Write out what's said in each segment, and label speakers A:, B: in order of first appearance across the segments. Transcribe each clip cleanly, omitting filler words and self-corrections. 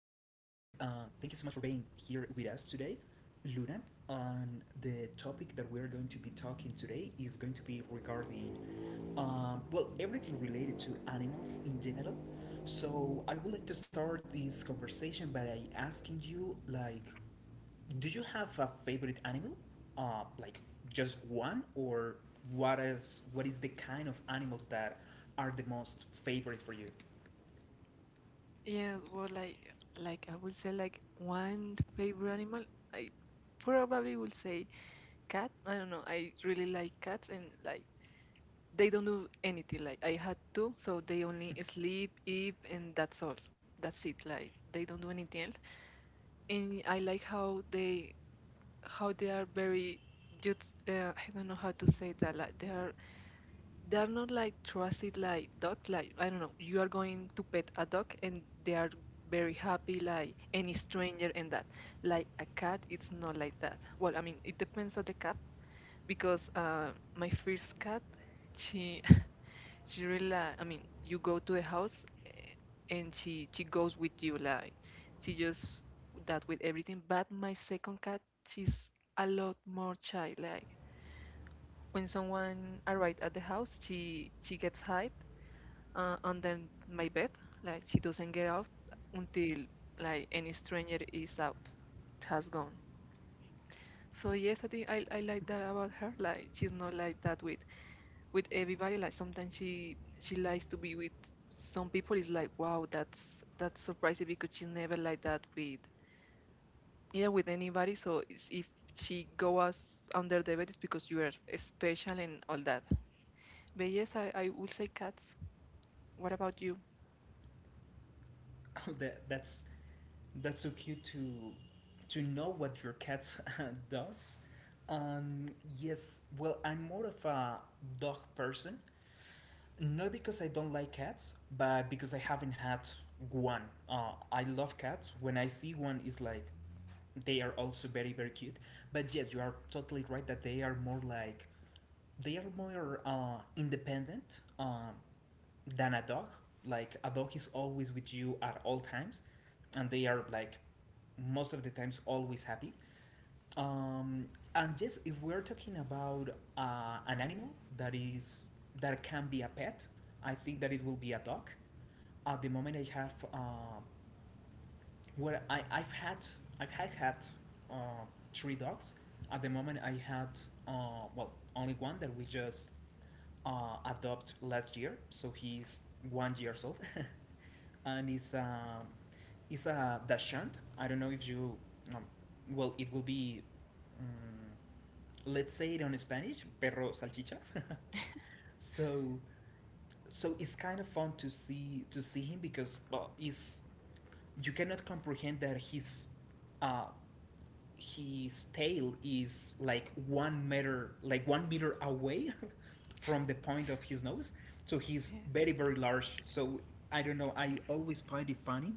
A: Thank you so much for being here with us today, Luna. And the topic that we are going to be talking today is going to be regarding, well, everything related to animals in general. So, I would like to start this conversation by asking you, like, do you have a favorite animal? Like just one, or what is the kind of animals that are the most favorite for you?
B: Yeah, well, like I would say, like one favorite animal, I probably will say cat. I don't know. I really like cats, and like they don't do anything. Like I had two, so they only sleep, eat, and that's all. That's it. Like they don't do anything else. And I like how they are very just. I don't know how to say that. Like they are not like trusted like dogs. Like I don't know, you are going to pet a dog and they are very happy, like, any stranger and that. Like a cat, it's not like that. Well, I mean, it depends on the cat because my first cat, she she really like, I mean, you go to the house, and she goes with you, like, she just that with everything. But my second cat, she's a lot more shy. Like when someone arrives at the house, she gets hide and then my bed. Like she doesn't get out until, like, any stranger is out. It has gone. So yes, I think I like that about her. Like she's not like that with everybody. Like sometimes she likes to be with some people. It's like, wow, that's surprising because she's never like that with, yeah, with anybody. So it's, if she goes under the bed, it's because you are special and all that. But yes, I would say cats. What about you?
A: that that's that's so cute to know what your cat does. Um, yes, well, I'm more of a dog person, not because I don't like cats, but because I haven't had one. I love cats. When I see one, it's like they are also very cute. But yes, you are totally right that they are more like they are more independent than a dog. Like a dog is always with you at all times, and they are like most of the times always happy. Um, and just if we're talking about an animal that is that can be a pet, I think that it will be a dog. At the moment, I have well, I I've had had uh, three dogs. At the moment, I had well only one that we just adopted last year, so he's 1 years old, and he's is a dashant. I don't know if you. Um, well, it will be. Um, let's say it on Spanish, perro salchicha. so, so it's kind of fun to see him because well, is you cannot comprehend that he's uh, his tail is like 1 meter away from the point of his nose. So he's
B: Yeah.
A: very large. So I don't know, I always find it funny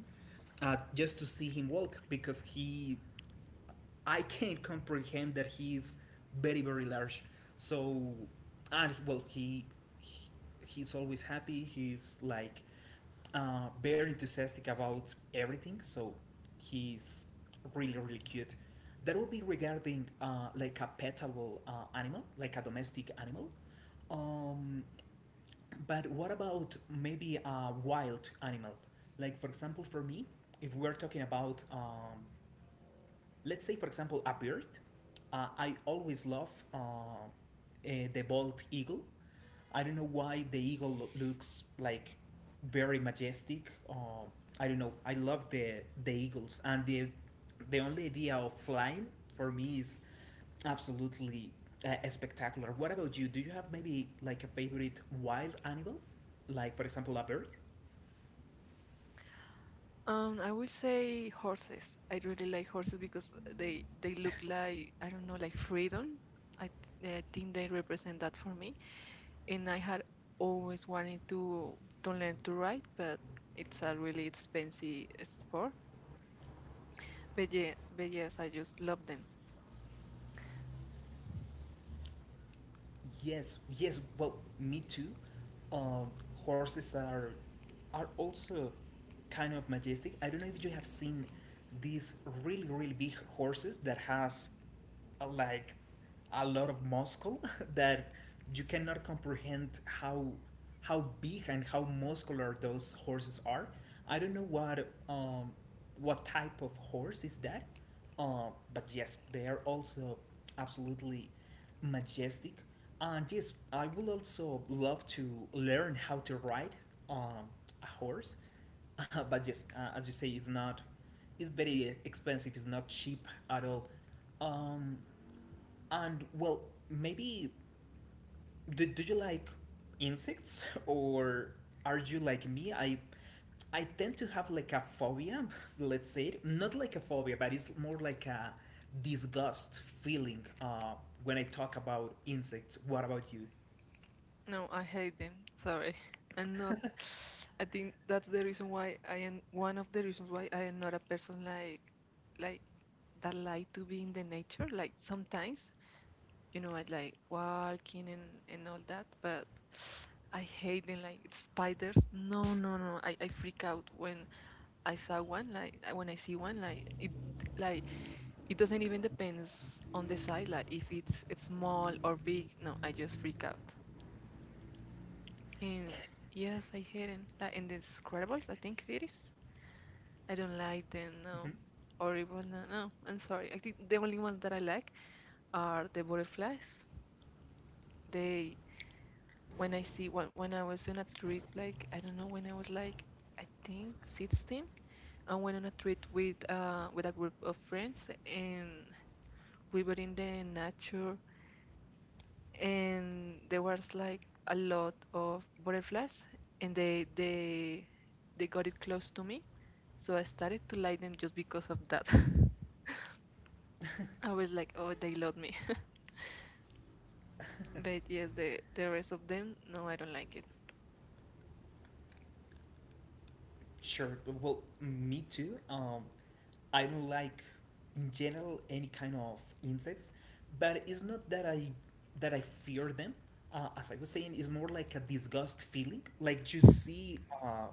A: just to see him walk because he I can't comprehend that he is very large. So, and well, he he's always happy. He's like very enthusiastic about everything. So he's really cute. That would be regarding like a petable animal, like a domestic animal. Um, but what about maybe a wild animal? Like for example, for me, if we're talking about let's say for example a bird. I always love the bald eagle. I don't know why the eagle looks like very majestic. I don't know, I love the eagles and the only idea of flying for me is absolutely spectacular. What about you? Do you have maybe like a favorite wild animal, like for example a bird?
B: I would say horses. I really like horses because they look like, I don't know, like freedom. I, I think they represent that for me. And I had always wanted to learn to ride, but it's a really expensive sport. But yes, I just love them.
A: Yes, yes. Well, me too. Uh, horses are also kind of majestic. I don't know if you have seen these really big horses that has like a lot of muscle that you cannot comprehend how big and how muscular those horses are. I don't know what type of horse is that, but yes, they are also absolutely majestic. And yes, I would also love to learn how to ride um, a horse. But yes, as you say, it's very expensive. It's not cheap at all. Um, and well, maybe do you like insects or are you like me? I tend to have like a phobia, let's say it. Not like a phobia, but it's more like a disgust feeling when I talk about insects. What about you?
B: No, I hate them. Sorry, I'm not. I think that's the reason why I am one of the reasons why I am not a person like that like to be in the nature. Like sometimes. I like walking and all that, but I hate them like spiders. No, no, no. I freak out when I saw one, like when I see one, like like it doesn't even depends on the size, like if it's small or big. No, I just freak out. And yes, I hate them. Like in the Scrabbles, I think it is. I don't like them, no. Or even no, no, I'm sorry. I think the only ones that I like are the butterflies. They when I see when I was on a trip, like, I don't know, when I was like, I think, 16, I went on a trip with a group of friends, and we were in the nature and there was like a lot of butterflies, and they got it close to me, so I started to like them just because of that. I was like, oh, they love me. But yes, the rest of them, no, I don't like it.
A: Sure. Well, me too. I don't like in general any kind of insects, but it's not that I fear them. As I was saying, it's more like a disgust feeling.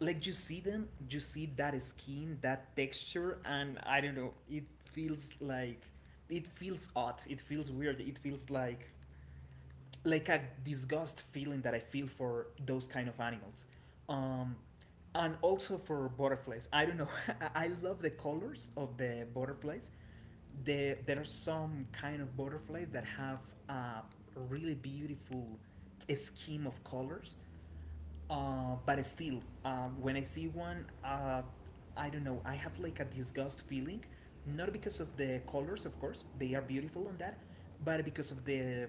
A: Like you see them, you see that skin, that texture, and I don't know. Feels like it feels odd. It feels weird. It feels like a disgust feeling that I feel for those kind of animals. Um, and also for butterflies. I don't know. I love the colors of the butterflies. There are some kind of butterflies that have a really beautiful scheme of colors. But still, when I see one, I don't know, I have like a disgust feeling, not because of the colors, of course, they are beautiful on that, but because of the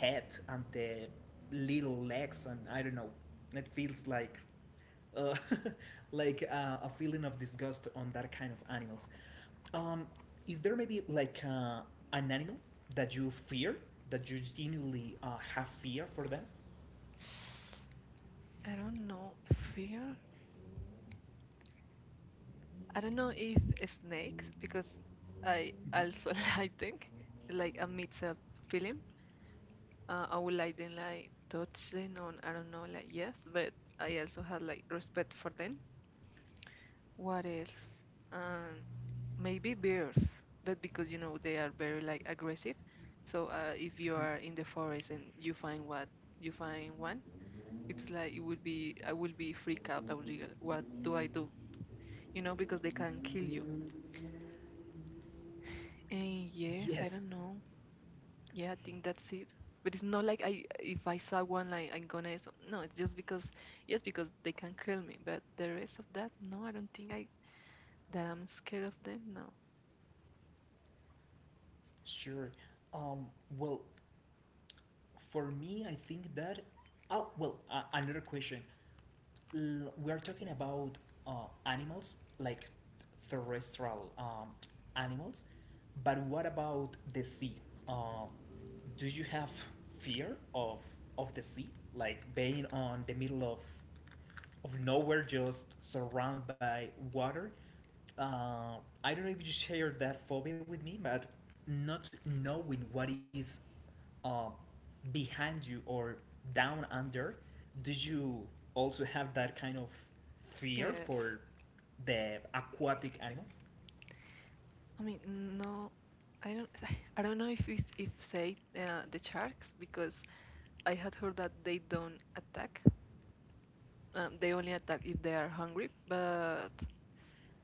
A: head and the little legs, and I don't know. It feels like, uh, like a feeling of disgust on that kind of animals. Um, is there maybe like an animal that you fear, that you genuinely have fear for them?
B: I don't know. Fear? I don't know if snakes, because I
A: Mhm.
B: also like them, like a mix-up feeling. I would like them, like, touch them on, I don't know, like yes, but I also had like respect for them. What else? Um, Maybe bears, but because you know they are very, like, aggressive. So if you are in the forest and you find one, it's like it would be I will be freak out. I would be like, what do I do? You know, because they can kill you. And yes, I
A: Yes.
B: don't know. Yeah, I think that's it. But it's not like I if I saw one, like I'm gonna no, it's just because yes because they can kill me, but the rest of that no, I don't think I that I'm scared of them. No.
A: Sure. Um, well, for me, I think that. Oh, well, another question. We are talking about animals, like terrestrial animals, but what about the sea? Uh, do you have fear of the sea, like being on the middle of nowhere, just surrounded by water. Uh, I don't know if you share that phobia with me, but not knowing what is uh, behind you or down under, did you also have that kind of fear
B: Yes.
A: for the aquatic animals?
B: I mean no, I don't I don't know if it's, if say the sharks because I had heard that they don't attack. They only attack if they are hungry, but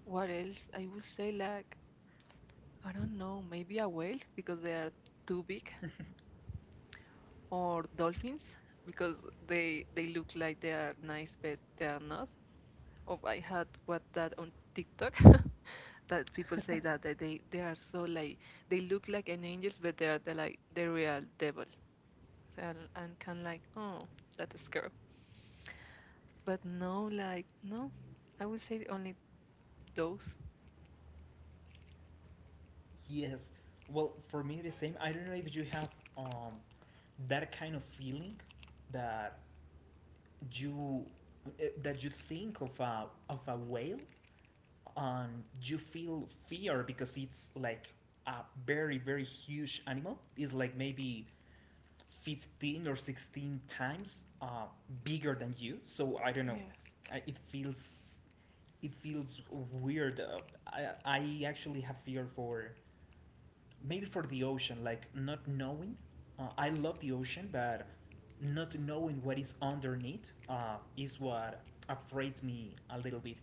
B: what else? I would say, like, I don't know, maybe a whale because they are too big, or dolphins because they look like they are nice but they are not. Or I had what that on TikTok that people say that they are so, like, they look like an angels but they are the real devil. So I'm kind of like, oh, that's scary. But no, like, no, I would say only those.
A: Yes. Well, for me, the same. I don't know if you have um, that kind of feeling that you that you think of a whale. You feel fear because it's like a very huge animal. It's like maybe 15 or 16 times bigger than you. So I don't know.
B: Yes.
A: I, it feels it feels weird. I actually have fear for maybe for the ocean, like not knowing. I love the ocean, but not knowing what is underneath is what afraid me a little bit.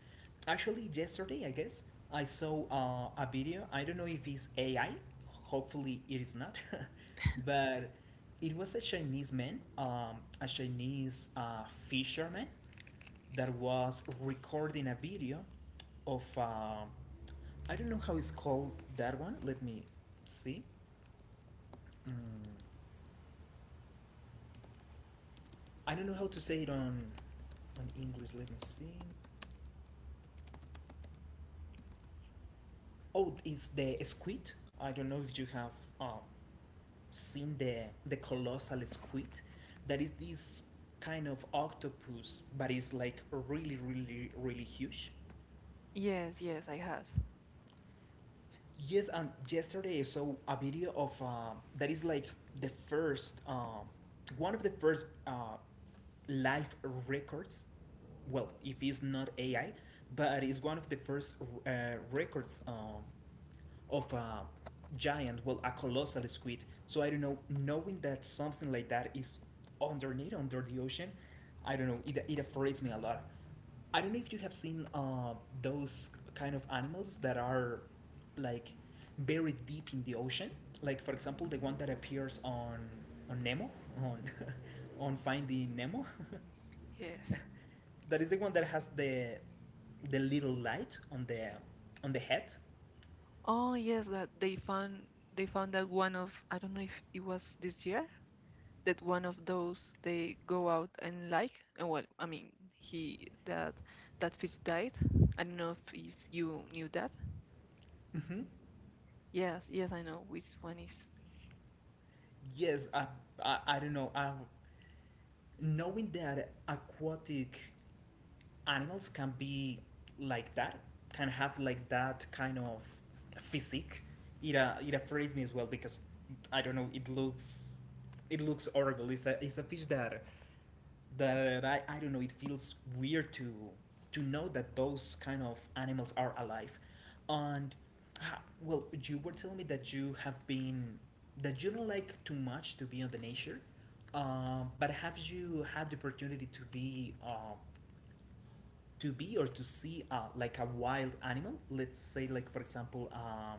A: Actually, yesterday, I guess, I saw a video. I don't know if it's AI. Hopefully, it is not. but it was a Chinese man, a Chinese fisherman that was recording a video of, I don't know how it's called that one. Let me see. mm, I don't know how to say it on English. Let me see. Oh, it's the squid. I don't know if you have um, seen the colossal squid. That is this kind of octopus, but it's like really, really, really huge.
B: Yes, yes, I have.
A: Yes, and yesterday I saw a video of that is like the first, one of the first live records. Well, if it's not AI, but it's one of the first records of a giant, well, a colossal squid. So I don't know, knowing that something like that is underneath, under the ocean, I don't know, it afrays me a lot. I don't know if you have seen those kind of animals that are like buried deep in the ocean. Like for example, the one that appears on Nemo on on Finding Nemo.
B: Yes.
A: That is the one that has the little light on the head.
B: Oh, yes, that they found that one of I don't know if it was this year that one of those they go out and like well, I mean, he that that fish died. I don't know if you knew that.
A: Hmm.
B: Yes, yes, I know which one is.
A: Yes, I don't know. Knowing that aquatic animals can be like that, can have like that kind of physique. It afrays me as well because I don't know. It looks horrible. It's a fish that I don't know. It feels weird to know that those kind of animals are alive, and well, you were telling me that you don't like too much to be on the nature. But have you had the opportunity to be or to see like a wild animal, let's say like for example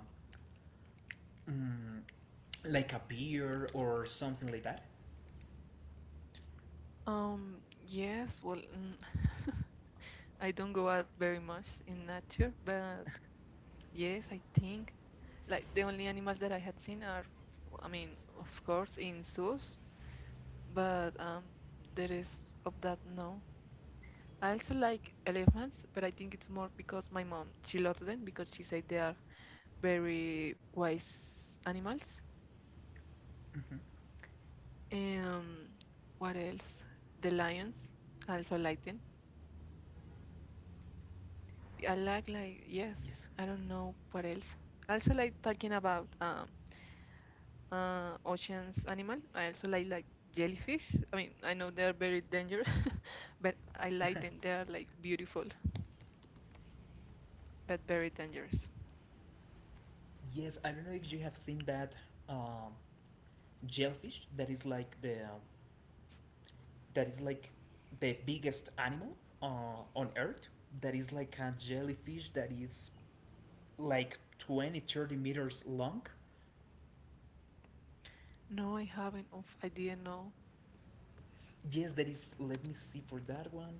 A: mm, like a bear or something like that.
B: um yes, well, I don't go out very much in nature, but yes, I think, like, the only animals that I had seen are, I mean, of course, in zoos, but there is of that, no. I also like elephants, but I think it's more because my mom, she loves them because she said they are very wise animals.
A: Hmm.
B: Um, what else? The lions. I also like them. I like, yes.
A: Yes,
B: I don't know what else. I also like talking about oceans animal. I also like jellyfish. I mean, I know they are very dangerous, but I like them. They are, like, beautiful but very dangerous.
A: yes, I don't know if you have seen that um, jellyfish that is like that is like the biggest animal uh, on earth, that is like a jellyfish that is like 20-30 meters long.
B: No, I haven't. Oof, I didn't know.
A: Yes, that is, let me see for that one.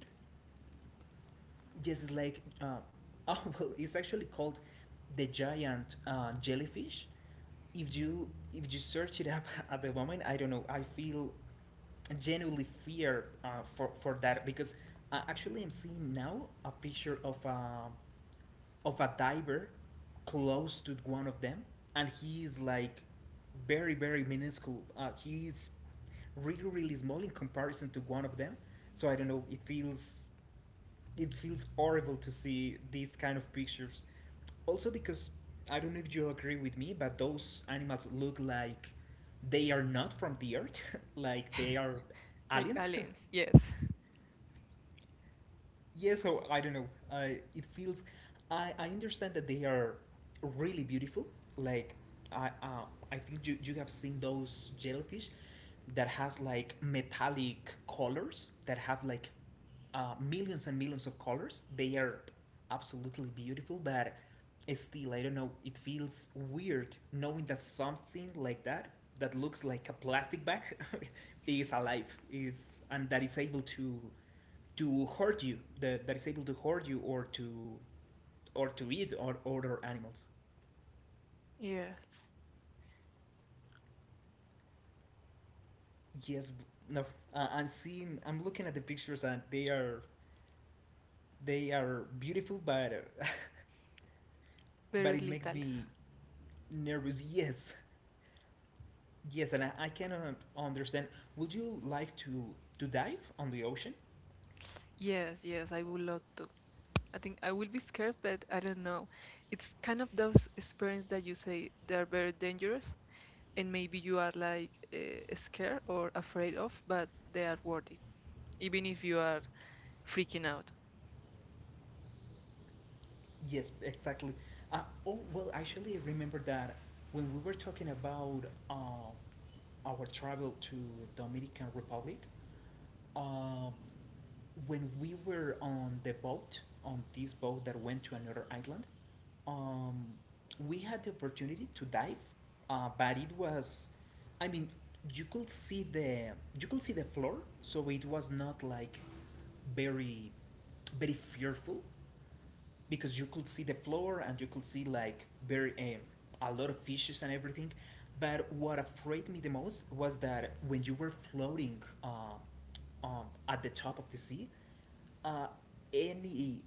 A: Yes, it's like oh, well, it's actually called the giant jellyfish. If you search it up. At the moment, I don't know, I feel genuinely fear for that because actually I'm seeing now a picture of a diver close to one of them, and he is like very minuscule. He is really small in comparison to one of them. So I don't know. It feels horrible to see these kind of pictures. Also because I don't know if you agree with me, but those animals look like they are not from the earth, like they are
B: Like
A: aliens.
B: aliens, yes.
A: Yeah, so I don't know. I it feels. I understand that they are really beautiful. Like I uh, I think you have seen those jellyfish that has like metallic colors that have like millions and millions of colors. They are absolutely beautiful, but still I don't know. It feels weird knowing that something like that looks like a plastic bag is alive is and that is able to hurt you that is able to hurt you or to eat or other animals.
B: Yes.
A: Yes. No. I'm looking at the pictures and they are beautiful, but but
B: Very
A: it makes
B: little.
A: me nervous. Yes. Yes, and I cannot understand. Would you like to dive on the ocean?
B: Yes, yes, I would love to. I think I will be scared, but I don't know. It's kind of those experiences that you say they are very dangerous, and maybe you are like scared or afraid of, but they are worth it, even if you are freaking out.
A: Yes, exactly. uh, oh, well, actually, I remember that when we were talking about uh, our travel to Dominican Republic. um, when we were on the boat, on this boat that went to another island, um, we had the opportunity to dive, but it was, I mean, you could see the you could see the floor, so it was not like very, very fearful because you could see the floor and you could see like very a lot of fishes and everything. But what afraid me the most was that when you were floating at the top of the sea, uh, any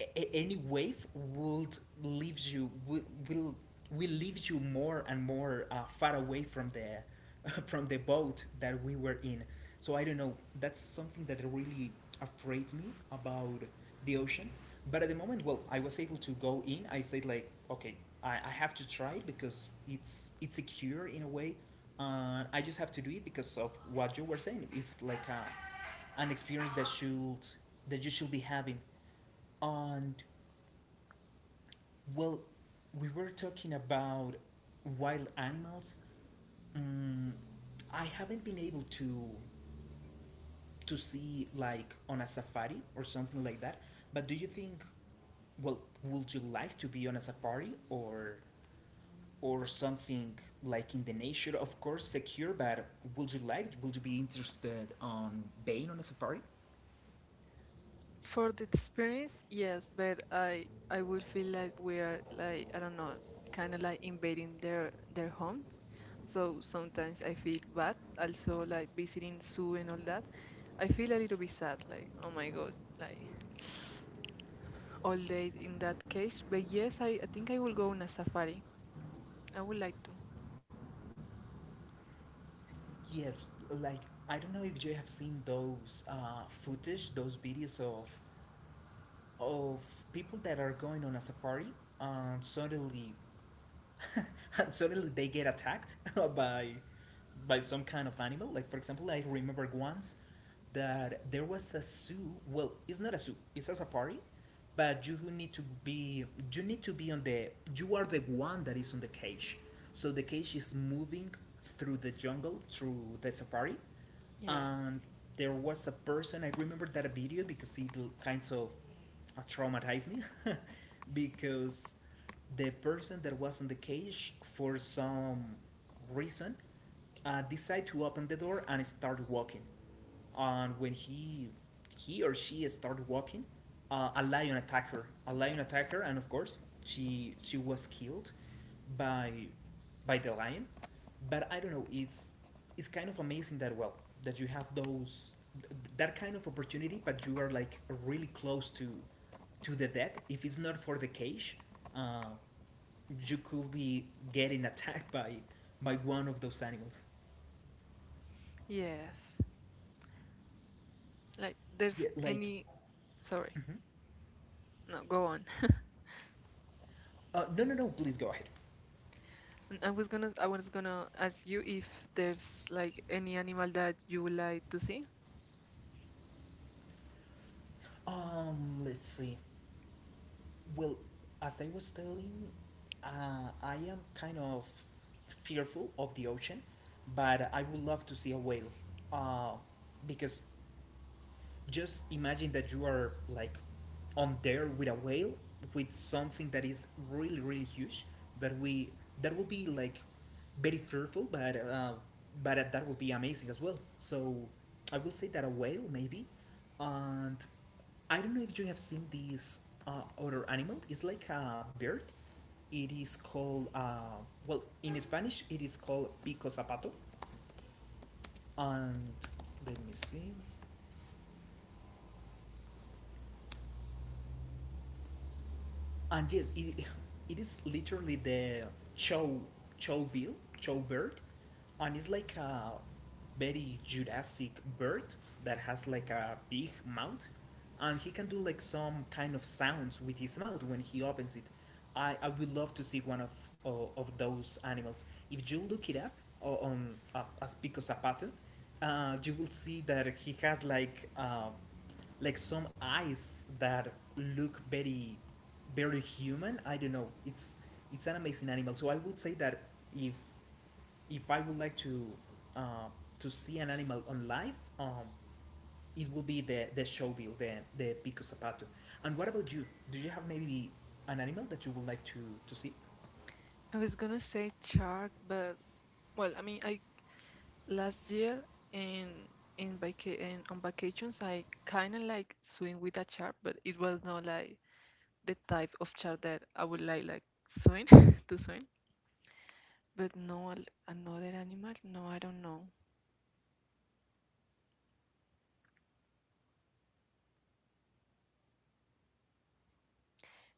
A: any wave would leave you will will leave you more and more far away from the from the boat that we were in. So I don't know. That's something that really afraid me about the ocean. But at the moment, well, I was able to go in. I said like, okay, I have to try it because it's secure in a way. I just have to do it because of what you were saying. It's like a, an experience that should that you should be having. And, well, we were talking about wild animals. Mm, I haven't been able to see like on a safari or something like that. But do you think, well, would you like to be on a safari or something like in the nature? Of course, secure. But would you like? Would you be interested on being on a safari?
B: For the experience, yes, but I would feel like we are like, I don't know, kind of like invading their home. So sometimes I feel bad, also like visiting zoo and all that. I feel a little bit sad, like, oh my god, like all day in that cage. But yes, I think I will go on a safari. I would like to.
A: Yes, like I don't know if you have seen those footage, those videos of people that are going on a safari, and suddenly and suddenly they get attacked by by some kind of animal. Like for example, I remember once that there was a zoo. Well, it's not a zoo; it's a safari. But you need to be you need to be on the you are the one that is on the cage. So the cage is moving through the jungle through the safari,
B: Yes.
A: and there was a person. I remember that video because it kind of traumatized me because the person that was on the cage for some reason decide to open the door and start walking, and when he or she started walking, a lion attacked her, a lion attacked her, and of course she was killed by by the lion. But I don't know, it's kind of amazing that well that you have those that kind of opportunity, but you are like really close to the death. If it's not for the cage, uh, you could be getting attacked by one of those animals.
B: Yes, like there's
A: Yeah, like
B: any. Sorry, no, go on.
A: no, no, no. Please go ahead.
B: And I was gonna ask you if there's, like, any animal that you would like to see.
A: Let's see. Well, as I was telling, I am kind of fearful of the ocean, but I would love to see a whale, uh, because just imagine that you are like on there with a whale, with something that is really really huge, that we that will be like very fearful, but that would be amazing as well. So I will say that a whale maybe. And I don't know if you have seen this other animal. It's like a bird. It is called well, in Spanish it is called pico zapato. And let me see. And yes, it is literally the chow chow bill chow bird, and it's like a very Jurassic bird that has like a big mouth, and he can do like some kind of sounds with his mouth when he opens it. I would love to see one of of those animals. If you look it up on as Pico Zapato, you will see that he has like. Like some eyes that look very very human. I don't know, it's an amazing animal. So I would say that if if I would like uh, to see an animal on live, um, it will be the showbill, the pico zapato. And what about you? Do you have maybe an animal that you would like to see?
B: I was gonna say shark, but well, I mean, I Last year in in on vacations, I kind of like swim with a shark, but it was not like the type of shark that I would like swim to swim. But no, another animal? No, I don't know.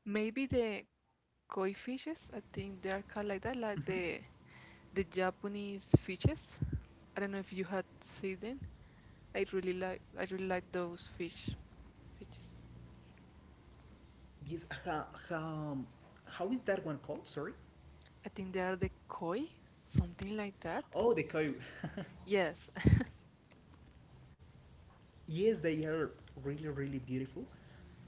B: Maybe the koi fishes. I think they are called like that, like the Japanese fishes. I don't know if you had seen them. I really like those fishes.
A: Yes, how is that one called, sorry?
B: I think they are the koi, something like that.
A: Oh, the coyote.
B: Yes,
A: Yes, they are really, really beautiful.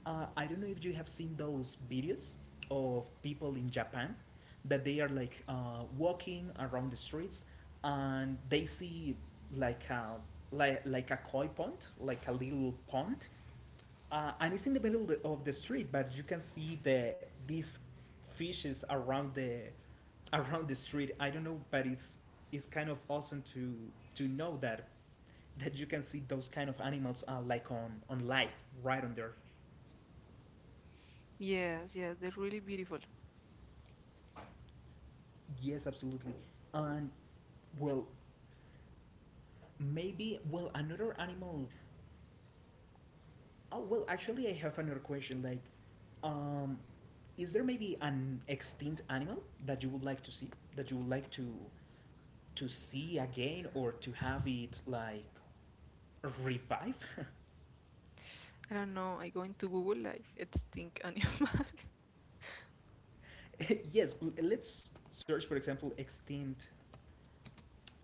A: I don't know if you have seen those videos of people in Japan that they are like walking around the streets and they see like a like a koi pond, like a little pond, and it's in the middle of the street, but you can see the these fishes around the around the street. I don't know, but it's kind of awesome to know that that you can see those kind of animals like on live right on there.
B: yes, yes, they're really beautiful.
A: Yes, absolutely. And, well, maybe well another animal. Oh well, actually, I have another question. Like, um, is there maybe an extinct animal that you would like to see, that you would like to see again or to have it like revive?
B: I don't know. I go into Google like it's stink animals.
A: Yes, let's search for example extinct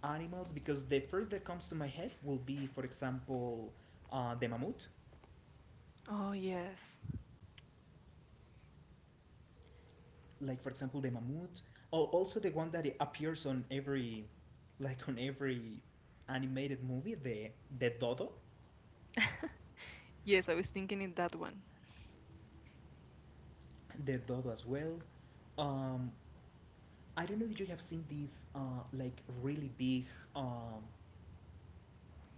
A: animals, because the first that comes to my head will be for example the mammoth.
B: Oh yes,
A: Like for example the mammoth, or also the one that appears on every like on every animated movie, the dodo.
B: yes. I was thinking in that one.
A: The dodo as well. Um i don't know if you have seen these like really big, um,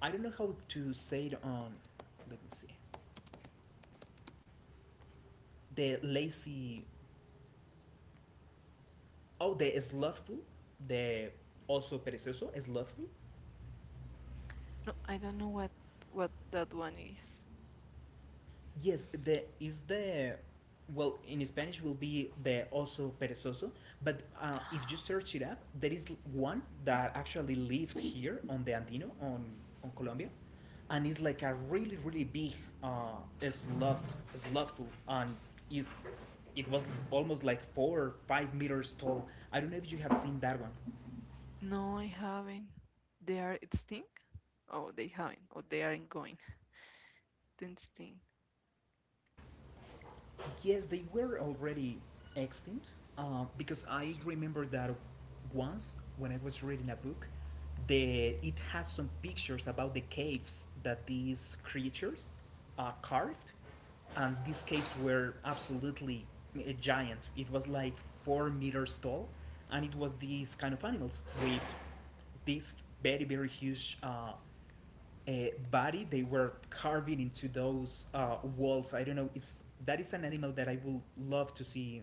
A: I don't know how to say it on. Let me see. The lazy. Oh, the slothful. The also perezoso, slothful.
B: No, I don't know what that one is.
A: Yes, the is the well, in Spanish will be the oso perezoso, but if you search it up, there is one that actually lived here on the Andino on Colombia, and is like a really really big uh, sloth slothful, and is it was almost like 4 or 5 meters tall. I don't know if you have seen that one.
B: No, I haven't. They are extinct? Oh, they haven't. Or they aren't going to extinct.
A: Yes, they were already extinct, because I remember that once when I was reading a book, the it has some pictures about the caves that these creatures carved, and these caves were absolutely giant. It was like 4 meters tall, and it was these kind of animals with these very very huge uh, body they were carving into those walls. I don't know, it's that is an animal that I would love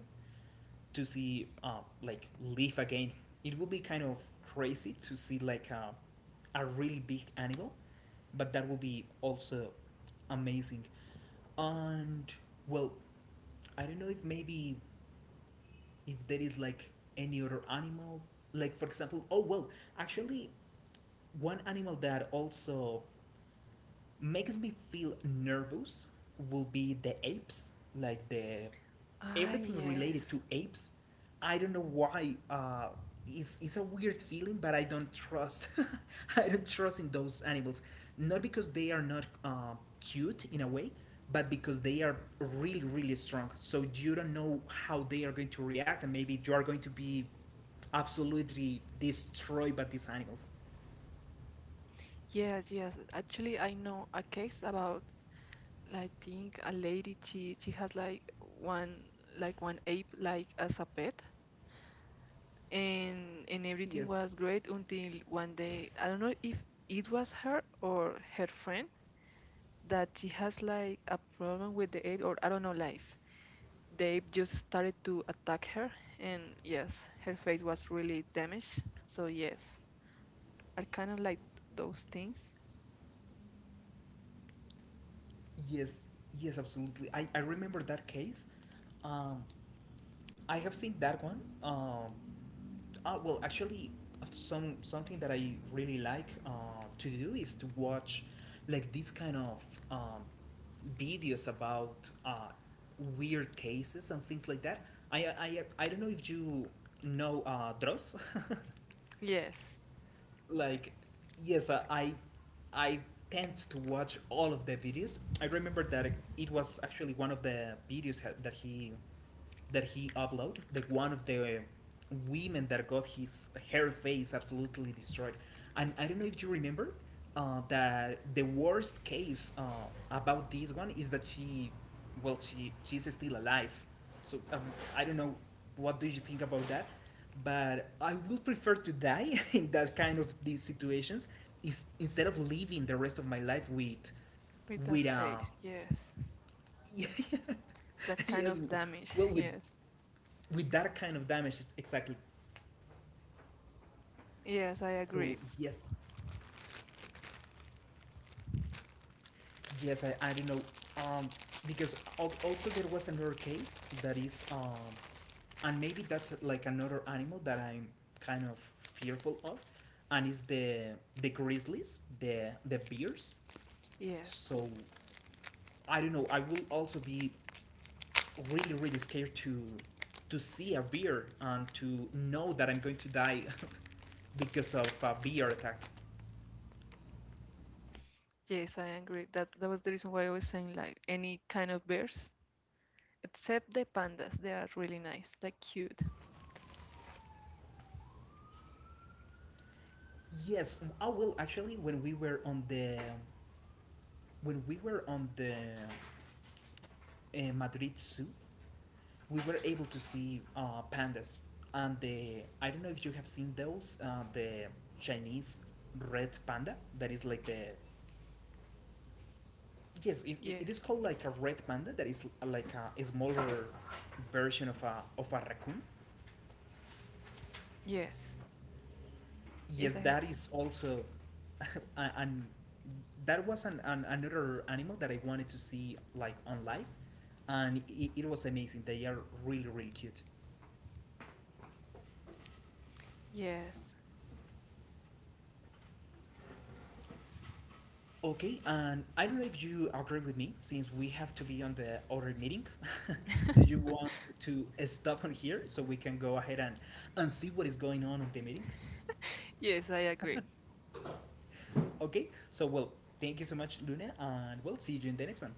A: to see like live again. It would be kind of crazy to see like a really big animal, but that would be also amazing. And, well, I don't know if maybe if there is like any other animal, like for example oh well actually one animal that also makes me feel nervous will be the apes, like the
B: Ah,
A: everything
B: yes,
A: related to apes. I don't know why. It's a weird feeling, but I don't trust. I don't trust in those animals, not because they are not cute in a way, but because they are really really strong. So you don't know how they are going to react, and maybe you are going to be absolutely destroyed by these animals.
B: yes, yes. Actually, I know a case about. I think a lady. She has like one, like one ape like as a pet, and everything
A: Yes.
B: was great until one day I don't know if it was her or her friend that she has like a problem with the ape or I don't know life. The ape just started to attack her, and yes, her face was really damaged. So yes, I kind of like those things.
A: Yes, yes, absolutely. I remember that case. Um, I have seen that one. Well, actually, something that I really like to do is to watch like these kind of um, videos about weird cases and things like that. I don't know if you know Dross.
B: Yes,
A: Like, yes, I tend to watch all of the videos. I remember that it was actually one of the videos that he uploaded, the one of the women that got his her face absolutely destroyed. And I don't know if you remember that the worst case about this one is that she well, she's still alive. So, I don't know what do you think about that, but I would prefer to die in that kind of these situations, is instead of living the rest of my life
B: with that
A: with
B: face. Yes. That kind
A: yes
B: of damage.
A: well
B: Yes.
A: with that kind of damage exactly.
B: Yes, I
A: So,
B: agree.
A: yes. Yes, I don't know. Um, because also there was another case that is, and maybe that's like another animal that I'm kind of fearful of, and is the grizzlies, the bears.
B: Yes.
A: So I don't know. I will also be really really scared to see a bear and to know that I'm going to die because of a bear attack.
B: Yes, I agree. That was the reason why I was saying like any kind of bears. Except the pandas, they are really nice, like cute.
A: Yes, I will actually, when we were on the when we were on the in Madrid Zoo, we were able to see pandas. And the I don't know if you have seen those the Chinese red panda that is like the yes it is
B: Yes,
A: called like a red panda that is like a smaller version of a raccoon.
B: yes, yes,
A: Yes,
B: I had,
A: that is also and that was an another animal that I wanted to see like on live, and it was amazing. They are really really cute.
B: yes,
A: Okay, and I don't know if you agree with me, since we have to be on the other meeting. Do you want to stop on here so we can go ahead and see what is going on in the meeting?
B: yes, I agree.
A: Okay, so well, thank you so much, Luna, and we'll see you in the next one.